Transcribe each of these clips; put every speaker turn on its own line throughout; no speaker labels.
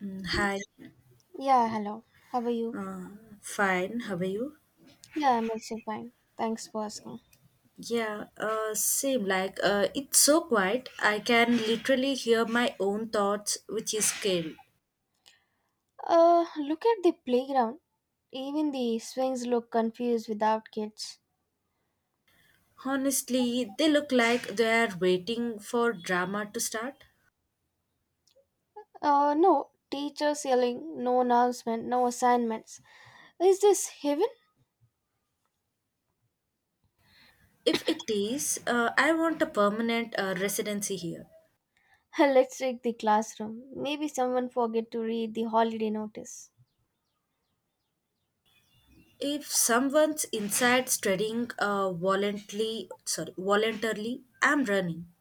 Hi,
Yeah, hello. How are you?
fine. How are you?
Yeah, I'm also fine. Thanks for asking.
Yeah, same. Like, it's so quiet. I can literally hear my own thoughts, which is scary.
Look at the playground. Even the swings look confused without kids.
Honestly, they look like they are waiting for drama to start.
No teachers yelling, no announcement, no assignments. Is this heaven?
If it is, I want a permanent residency here.
Let's check the classroom. Maybe someone forget to read the holiday notice.
If someone's inside studying voluntarily, sorry, voluntarily, I'm running.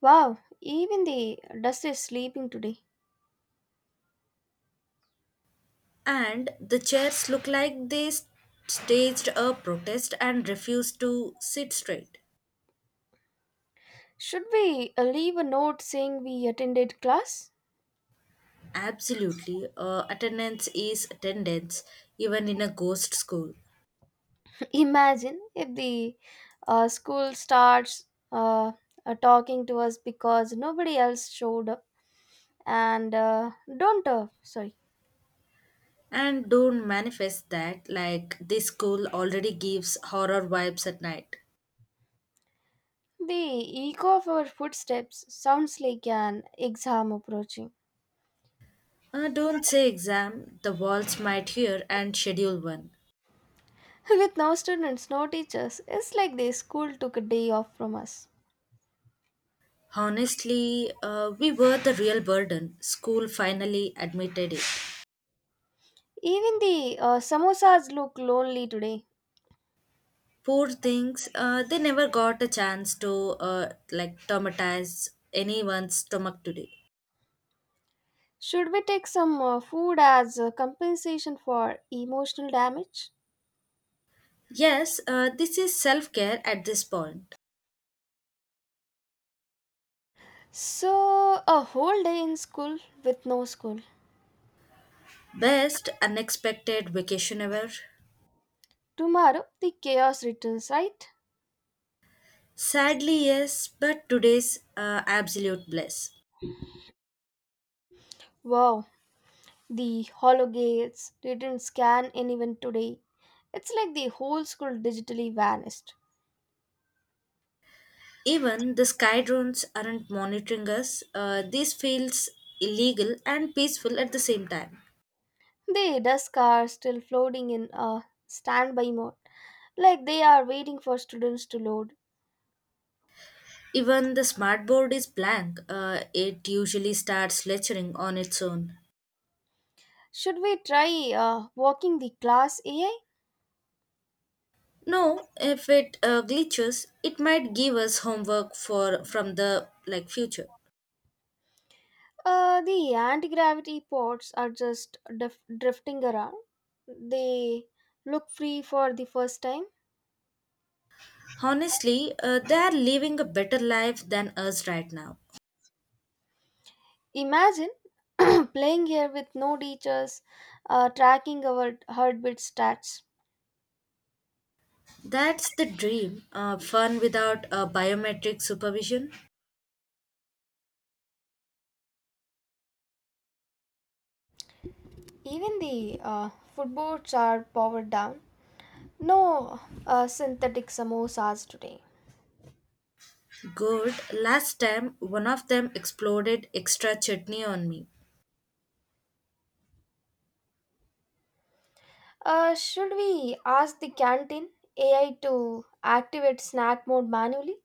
Wow, even the dust is sleeping today.
And the chairs look like they staged a protest and refused to sit straight.
Should we leave a note saying we attended class?
Absolutely, attendance is attendance, even in a ghost school.
Imagine if the school starts uh, talking to us because nobody else showed up. And don't, sorry,
And don't manifest that, like, this school already gives horror vibes at night.
The echo of our footsteps sounds like an exam approaching.
Don't say exam, the walls might hear and schedule one.
With no students, no teachers, it's like the school took a day off from us.
Honestly, we were the real burden. School finally admitted it.
Even the samosas look lonely today.
Poor things, they never got a chance to like traumatize anyone's stomach today.
Should we take some food as compensation for emotional damage?
Yes, this is self-care at this point.
So, a whole day in school with no school.
Best unexpected vacation ever.
Tomorrow, the chaos returns, right?
Sadly yes, but today's absolute bliss.
Wow, the hollow gates didn't scan anyone today. It's like the whole school digitally vanished.
Even the sky drones aren't monitoring us. This feels illegal and peaceful at the same time.
The desk are still floating in a standby mode, like they are waiting for students to load.
Even the smart board is blank. It usually starts lecturing on its own.
Should we try walking the class AI?
No, if it glitches, it might give us homework for from the like future.
The anti-gravity pods are just drifting around. They look free for the first time.
Honestly, they are living a better life than us right now.
Imagine playing here with no teachers, tracking our heartbeat stats.
That's the dream. Fun without biometric supervision.
Even the food boards are powered down. No synthetic samosas today.
Good. Last time, one of them exploded extra chutney on me.
Should we ask the canteen AI to activate snack mode manually?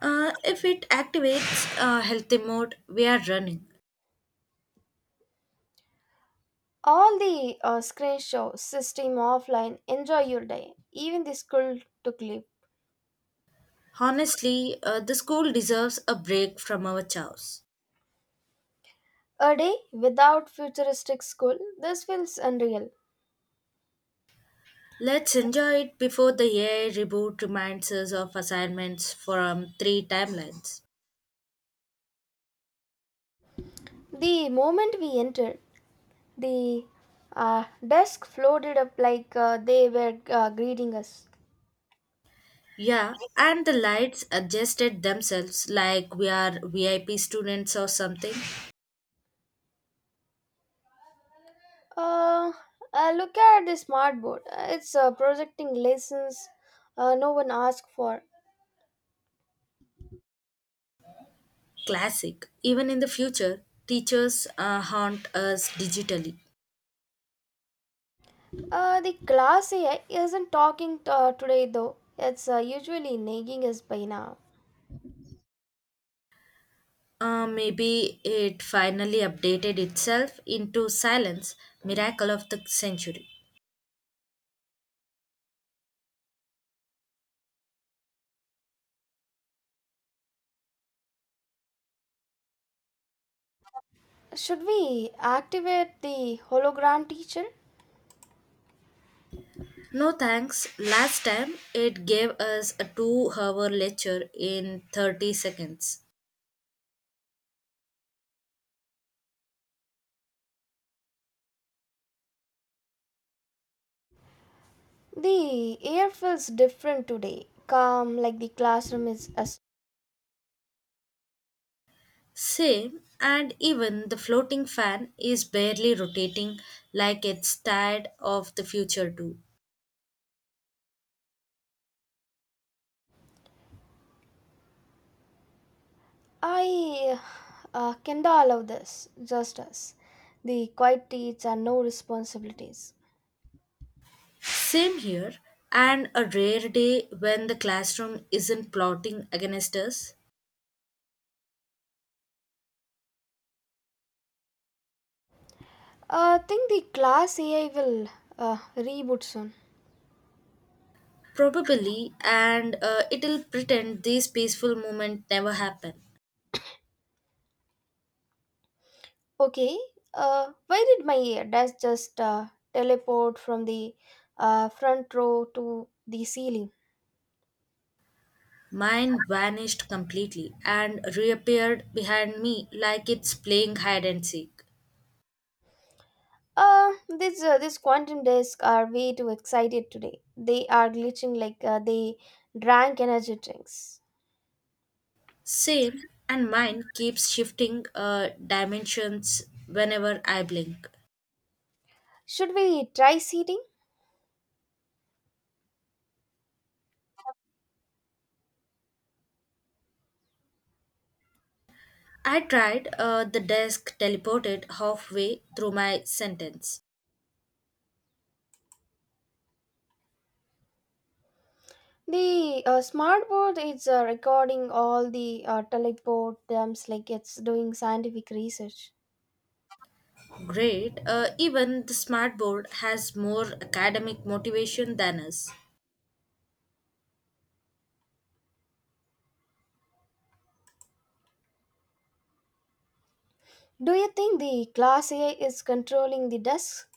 If it activates healthy mode, we are running.
All the screen show system offline. Enjoy your day. Even the school took leave.
Honestly, the school deserves a break from our chows.
A day without futuristic school. This feels unreal.
Let's enjoy it before the AI reboot reminds us of assignments from three timelines.
The moment we entered, the desk floated up like they were greeting us.
Yeah, and the lights adjusted themselves like we are VIP students or something.
Uh, Look at the smart board. It's projecting lessons no one asked for.
Classic. Even in the future, teachers haunt us digitally.
The class AI isn't talking today though. It's usually nagging us by now.
Maybe it finally updated itself into silence, miracle of the century.
Should we activate the hologram teacher?
No thanks. Last time it gave us a 2 hour lecture in 30 seconds.
The air feels different today, calm like the classroom is us.
Same, and even the floating fan is barely rotating like it's tired of the future too.
I cannot allow this, just us. The quiet teach and no responsibilities.
Same here, and a rare day when the classroom isn't plotting against us.
I think the class AI will reboot soon.
Probably, and it'll pretend this peaceful moment never happened.
Okay, why did my ear does just teleport from the front row to the ceiling?
Mine vanished completely and reappeared behind me like it's playing hide and seek.
This These quantum discs are way too excited today. They are glitching like they drank energy drinks.
Same, and mine keeps shifting dimensions whenever I blink.
Should we try seating?
I tried, the desk teleported halfway through my sentence.
The smartboard is recording all the teleport terms like it's doing scientific research.
Great, even the smart board has more academic motivation than us.
Do you think the class AI is controlling the desk?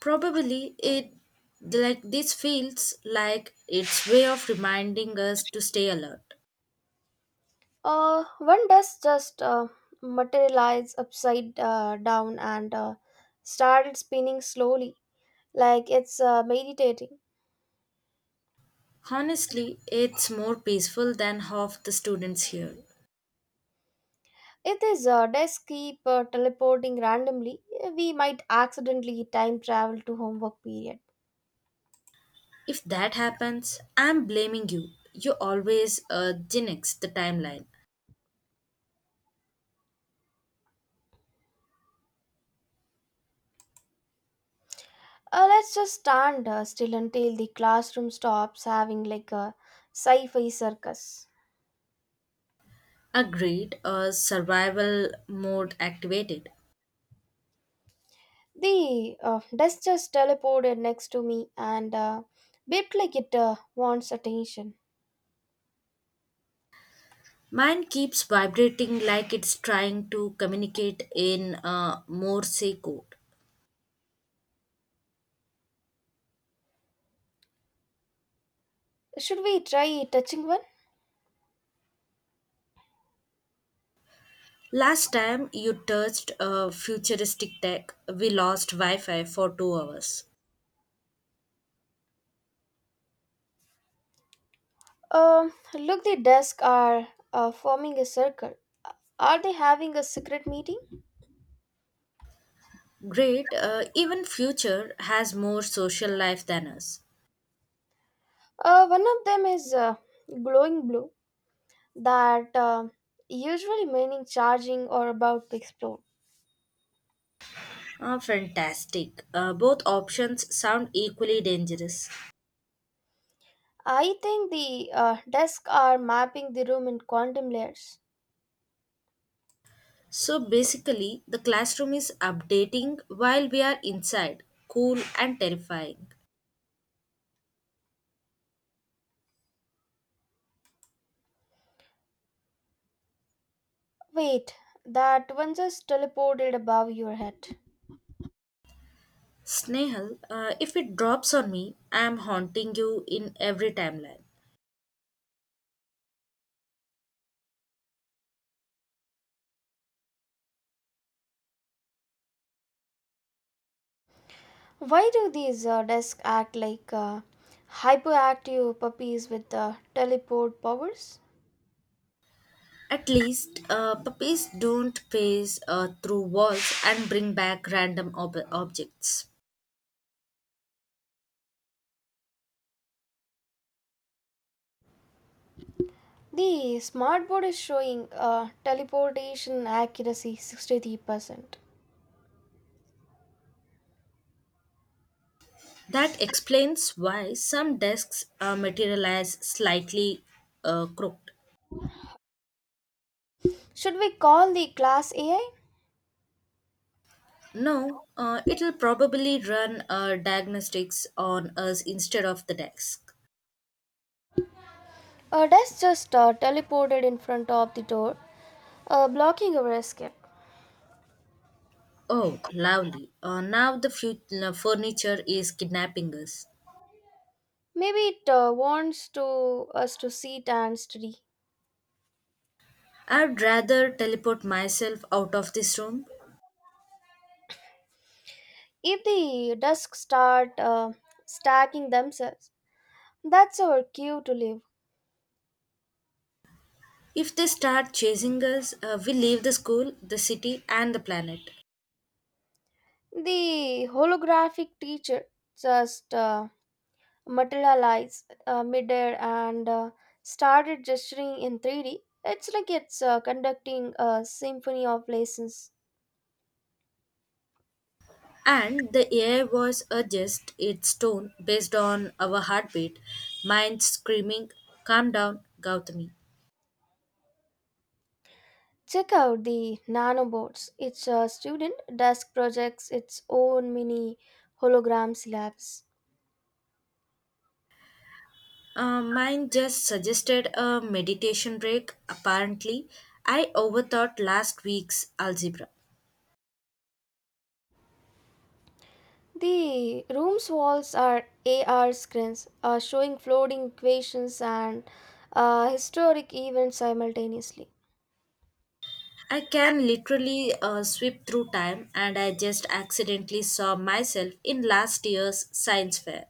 Probably it, like, this feels like its way of reminding us to stay alert.
One desk just materialized upside down and started spinning slowly, like it's meditating.
Honestly, it's more peaceful than half the students here.
If this desk keep teleporting randomly, we might accidentally time travel to homework period.
If that happens, I'm blaming you. You always genix the timeline.
Let's just stand still until the classroom stops having like a sci-fi circus.
Agreed, survival mode activated.
The desk just teleported next to me and beeped like it wants attention.
Mine keeps vibrating like it's trying to communicate in a Morse code.
Should we try touching one?
Last time you touched a futuristic tech, we lost Wi Fi for 2 hours.
Look, the desk are forming a circle. Are they having a secret meeting?
Great, even future has more social life than us.
One of them is glowing blue that usually meaning charging or about to explode.
Ah, fantastic. Both options sound equally dangerous.
I think the desks are mapping the room in quantum layers.
So basically, the classroom is updating while we are inside, cool and terrifying.
Wait, that one just teleported above your head.
Snehal, if it drops on me, I am haunting you in every timeline.
Why do these desks act like hyperactive puppies with teleport powers?
At least, puppies don't pace through walls and bring back random objects.
The smartboard is showing teleportation accuracy 63%.
That explains why some desks materialize slightly crooked.
Should we call the class AI?
No, it'll probably run diagnostics on us instead of the desk.
A desk just teleported in front of the door blocking our escape.
Oh, lovely. Now the furniture is kidnapping us.
Maybe it wants to us to sit and study.
I'd rather teleport myself out of this room.
If the dusk start stacking themselves, that's our cue to leave.
If they start chasing us, we leave the school, the city, and the planet.
The holographic teacher just materialized midair and started gesturing in 3D. It's like it's conducting a symphony of lessons.
And the AI voice adjusts its tone based on our heartbeat, mine screaming, "Calm down, Gautami."
Check out the nanobots. It's a student desk projects its own mini hologram labs.
Mine just suggested a meditation break, apparently. I overthought last week's algebra.
The room's walls are AR screens showing floating equations and historic events simultaneously.
I can literally sweep through time, and I just accidentally saw myself in last year's science fair.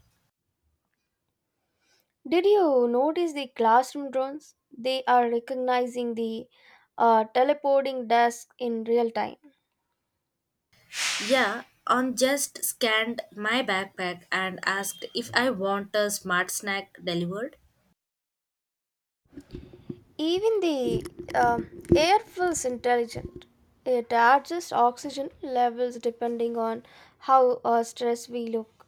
Did you notice the classroom drones? They are recognizing the teleporting desk in real time.
Yeah, on just scanned my backpack and asked if I want a smart snack delivered.
Even the um air feels intelligent. It adjusts oxygen levels depending on how stressed we look.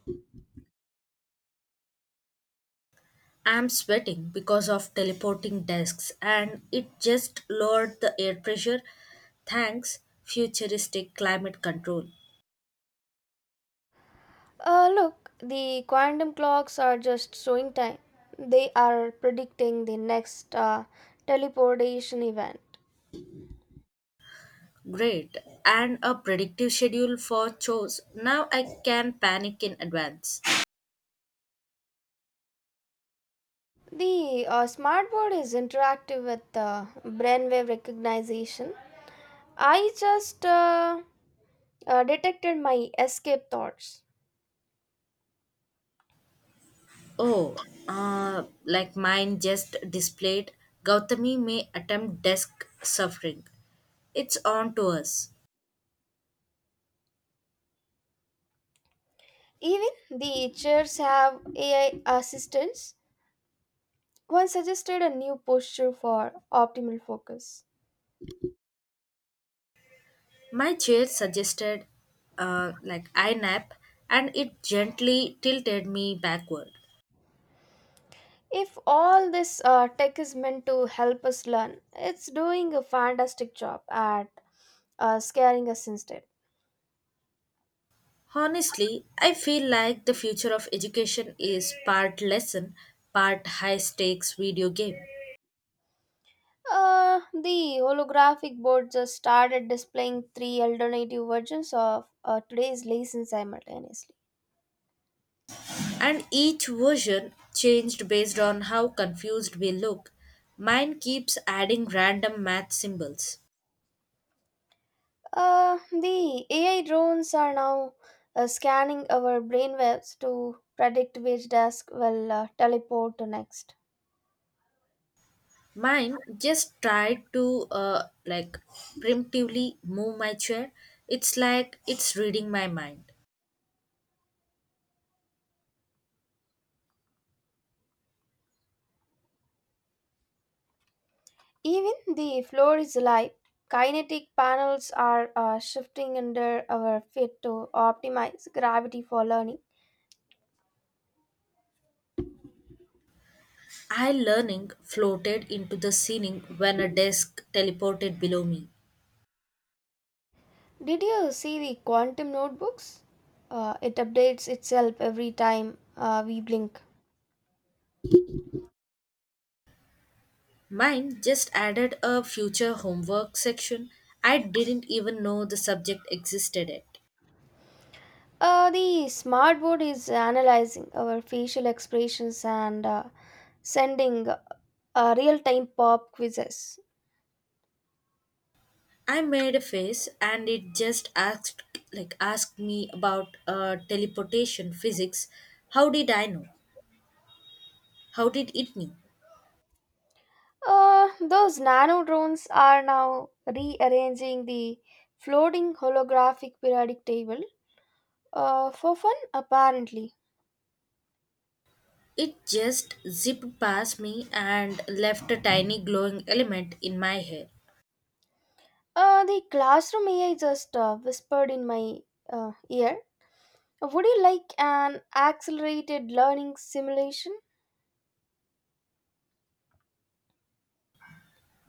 I'm sweating because of teleporting desks, and it just lowered the air pressure. Thanks, futuristic climate control.
Look, the quantum clocks are just showing time. They are predicting the next teleportation event.
Great, and a predictive schedule for chores. Now I can panic in advance.
The smartboard is interactive with brainwave recognition. I just detected my escape thoughts.
Oh, like mine just displayed, "Gautami may attempt desk suffering." It's on to us.
Even the chairs have AI assistants. One suggested a new posture for optimal focus.
My chair suggested, like I nap, and it gently tilted me backward.
If all this tech is meant to help us learn, it's doing a fantastic job at scaring us instead.
Honestly, I feel like the future of education is part lesson, part high stakes video game.
The holographic board just started displaying three alternative versions of today's lesson simultaneously.
And each version changed based on how confused we look. Mine keeps adding random math symbols.
The AI drones are now scanning our brainwaves to predict which desk will teleport to next.
Mine just tried to like preemptively move my chair. It's like it's reading my mind.
Even the floor is alive. Kinetic panels are shifting under our feet to optimize gravity for learning.
I learning floated into the ceiling when a desk teleported below me.
Did you see the quantum notebooks? It updates itself every time we blink.
Mine just added a future homework section. I didn't even know the subject existed yet.
The smartboard is analyzing our facial expressions and sending real-time pop quizzes.
I made a face and it just asked asked me about teleportation physics. How did I know? How did it know?
Those nano drones are now rearranging the floating holographic periodic table for fun, apparently.
It just zipped past me and left a tiny glowing element in my hair.
The classroom AI just whispered in my ear, would you like an accelerated learning simulation?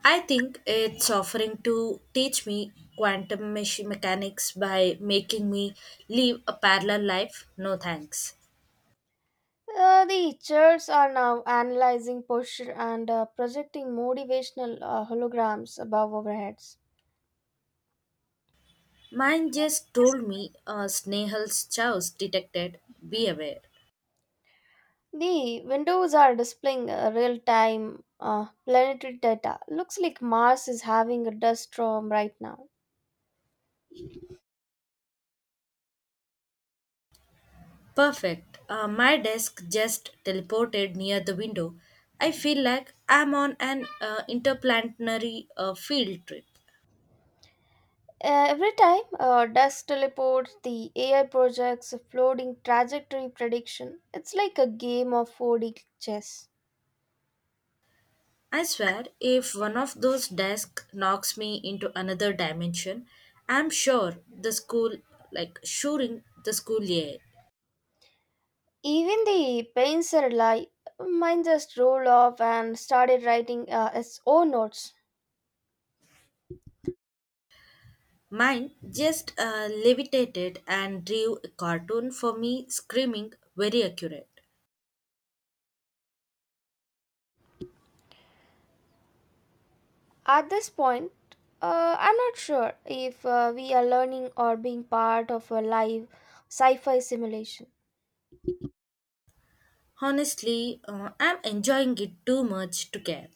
I think it's offering to teach me quantum mechanics by making me live a parallel life. No thanks.
The chairs are now analyzing posture and projecting motivational holograms above our heads.
Mine just told me, "Snehal's chows detected. Be aware."
The windows are displaying real time planetary data. Looks like Mars is having a dust storm right now.
Perfect. My desk just teleported near the window. I feel like I'm on an interplanetary field trip.
Every time dust teleports, the AI projects a floating trajectory prediction. It's like a game of 4D chess.
I swear, if one of those desks knocks me into another dimension, I'm sure the school, like, shooting the school year.
Even the paints are alive. Mine just rolled off and started writing its own notes.
Mine just levitated and drew a cartoon for me, screaming, very accurate.
At this point, I'm not sure if we are learning or being part of a live sci fi simulation.
Honestly, I'm enjoying it too much to care.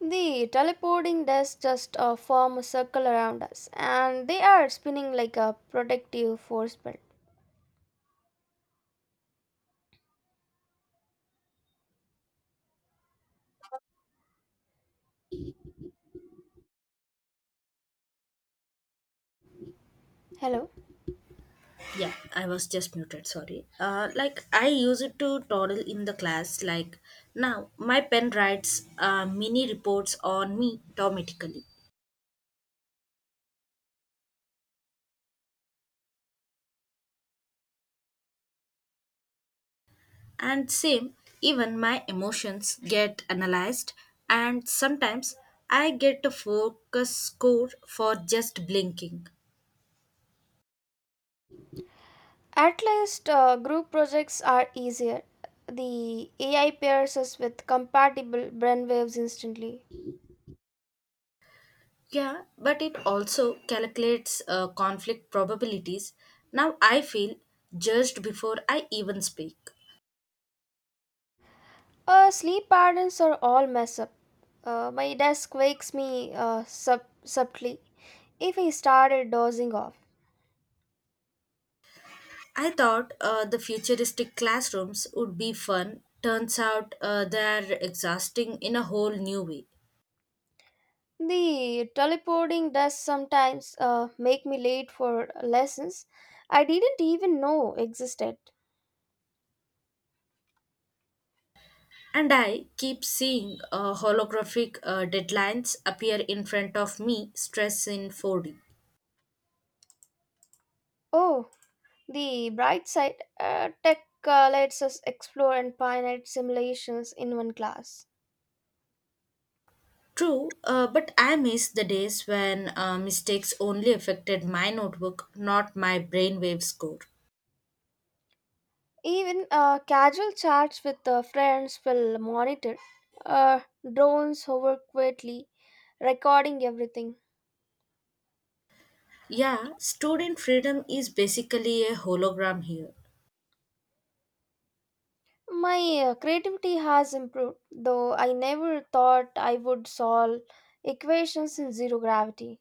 The teleporting discs just form a circle around us, and they are spinning like a protective force belt. Hello.
Yeah, I was just muted, sorry. Like, I use it to toddle in the class, like, now my pen writes mini reports on me automatically. And same, even my emotions get analyzed, and sometimes I get a focus score for just blinking.
At least group projects are easier. The AI pairs us with compatible brainwaves instantly.
Yeah, but it also calculates conflict probabilities. Now I feel judged before I even speak.
Sleep patterns are all messed up. My desk wakes me subtly if I started dozing off.
I thought the futuristic classrooms would be fun. Turns out they are exhausting in a whole new way.
The teleporting does sometimes make me late for lessons I didn't even know existed.
And I keep seeing holographic deadlines appear in front of me, stress in 4D.
Oh, the bright side, tech lets us explore infinite simulations in one class.
True, but I miss the days when mistakes only affected my notebook, not my brainwave score.
Even casual chats with friends will monitor. Uh, Drones hover quietly, recording everything.
Yeah, student freedom is basically a hologram here.
My creativity has improved, though I never thought I would solve equations in zero gravity.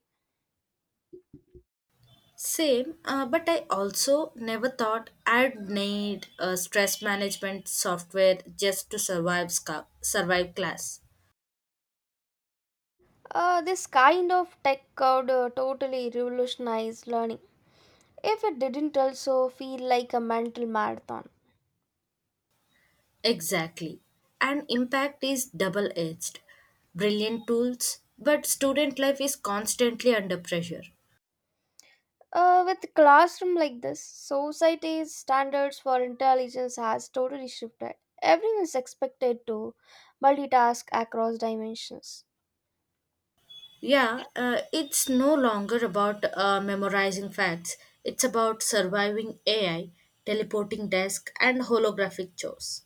Same, but I also never thought I'd need stress management software just to survive, survive class.
This kind of tech could totally revolutionize learning, if it didn't also feel like a mental marathon.
Exactly. And impact is double edged. Brilliant tools, but student life is constantly under pressure.
With classroom like this, society's standards for intelligence has totally shifted. Everyone is expected to multitask across dimensions.
Yeah, it's no longer about memorizing facts, it's about surviving AI, teleporting desk, and holographic chores.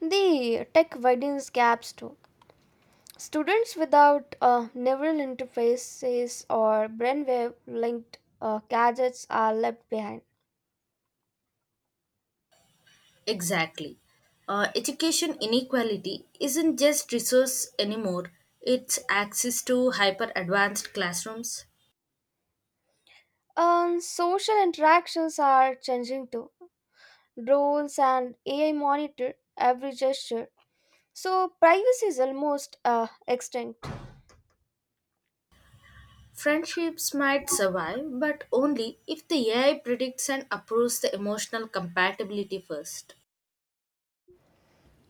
The tech widens gaps too. Students without neural interfaces or brainwave linked gadgets are left behind.
Exactly. Education inequality isn't just resource anymore, it's access to hyper advanced classrooms.
Social interactions are changing too. Drones and AI monitor every gesture, so privacy is almost extinct.
Friendships might survive, but only if the AI predicts and approves the emotional compatibility first.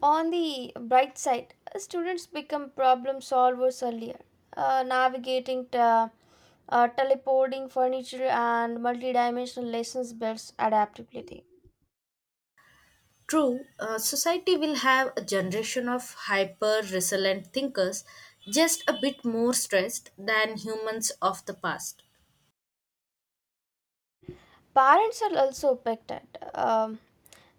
On the bright side, students become problem solvers earlier, navigating teleporting furniture and multidimensional lessons builds adaptability.
True, society will have a generation of hyper resilient thinkers, just a bit more stressed than humans of the past.
Parents are also affected. Um,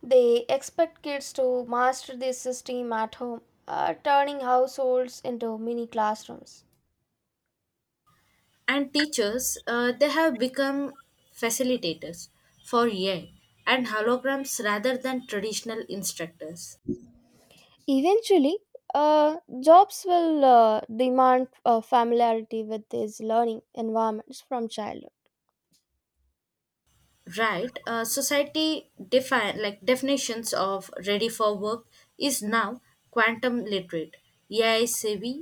they expect kids to master this system at home, turning households into mini classrooms.
And teachers, they have become facilitators for AI and holograms rather than traditional instructors.
Eventually, jobs will demand familiarity with these learning environments from childhood.
Right, society define like definitions of ready for work is now quantum literate, AI savvy,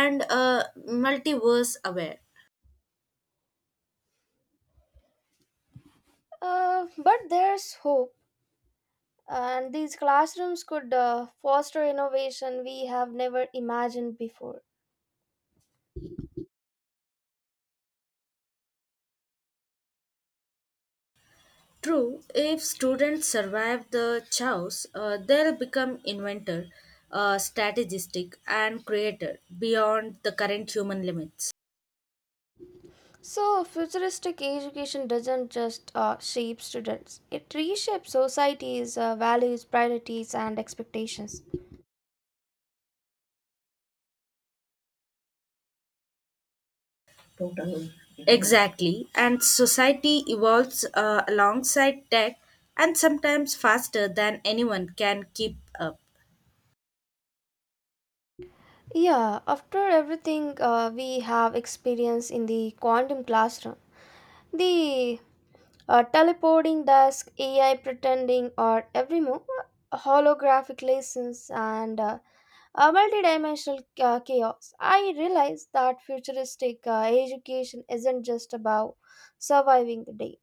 and multiverse aware.
But there's hope, and these classrooms could foster innovation we have never imagined before.
True, if students survive the chaos, they'll become inventor, strategistic and creator beyond the current human limits.
So, futuristic education doesn't just shape students, it reshapes society's values, priorities, and expectations.
Exactly, and society evolves alongside tech and sometimes faster than anyone can keep up.
Yeah, after everything we have experienced in the quantum classroom, the teleporting desk, AI pretending, or every move, holographic lessons, and a multidimensional chaos. I realize that futuristic education isn't just about surviving the day.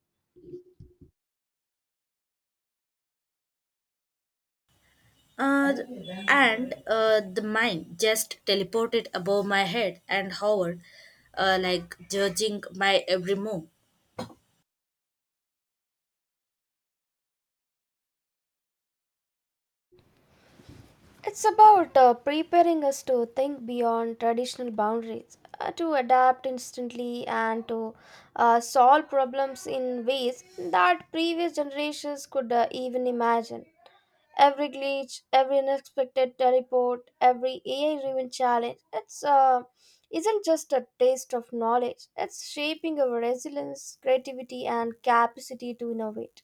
Uh, and the mind just teleported above my head and hovered, like judging my every move.
It's about preparing us to think beyond traditional boundaries, to adapt instantly, and to solve problems in ways that previous generations could even imagine. Every glitch, every unexpected teleport, every AI-driven challenge, it's isn't just a taste of knowledge. It's shaping our resilience, creativity, and capacity to innovate.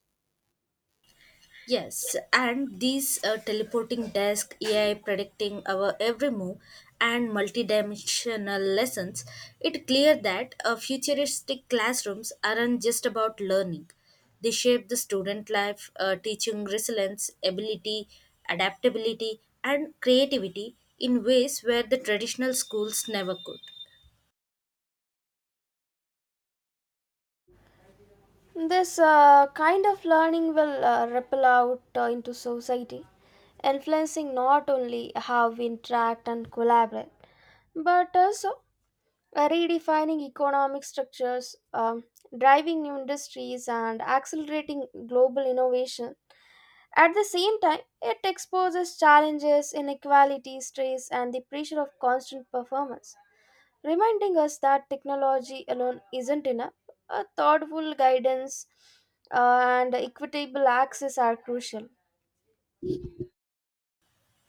Yes, and these teleporting desk, AI predicting our every move, and multidimensional lessons, it clear that futuristic classrooms aren't just about learning. They shape the student life, teaching resilience, ability, adaptability, and creativity in ways where the traditional schools never could.
This kind of learning will ripple out into society, influencing not only how we interact and collaborate, but also redefining economic structures, driving new industries, and accelerating global innovation. At the same time, it exposes challenges, inequality, stress, and the pressure of constant performance, reminding us that technology alone isn't enough. A thoughtful guidance and equitable access are crucial.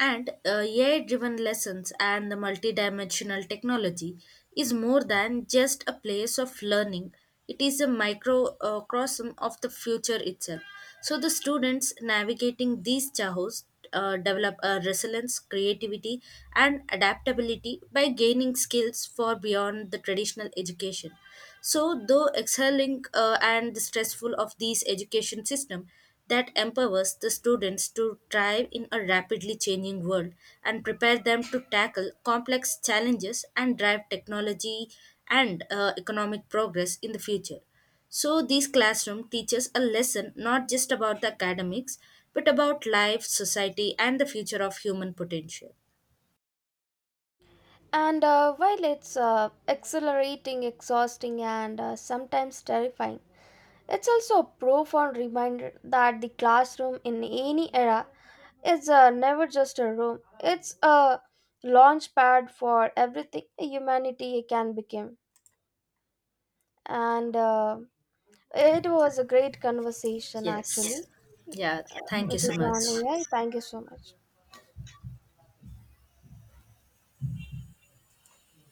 And AI driven lessons and the multidimensional technology is more than just a place of learning, it is a microcosm of the future itself. So, the students navigating these chaos develop a resilience, creativity, and adaptability by gaining skills for beyond the traditional education. So, though excelling and the stressful of these education system that empowers the students to thrive in a rapidly changing world and prepare them to tackle complex challenges and drive technology and economic progress in the future. So these classroom teaches a lesson not just about the academics but about life, society and the future of human potential.
And while it's accelerating, exhausting, and sometimes terrifying, it's also a profound reminder that the classroom in any era is never just a room, it's a launch pad for everything humanity can become. And it was a great conversation, actually,
Yes.
uh,
Yeah, thank you
which
so
is on
much.
AI. Thank you so much.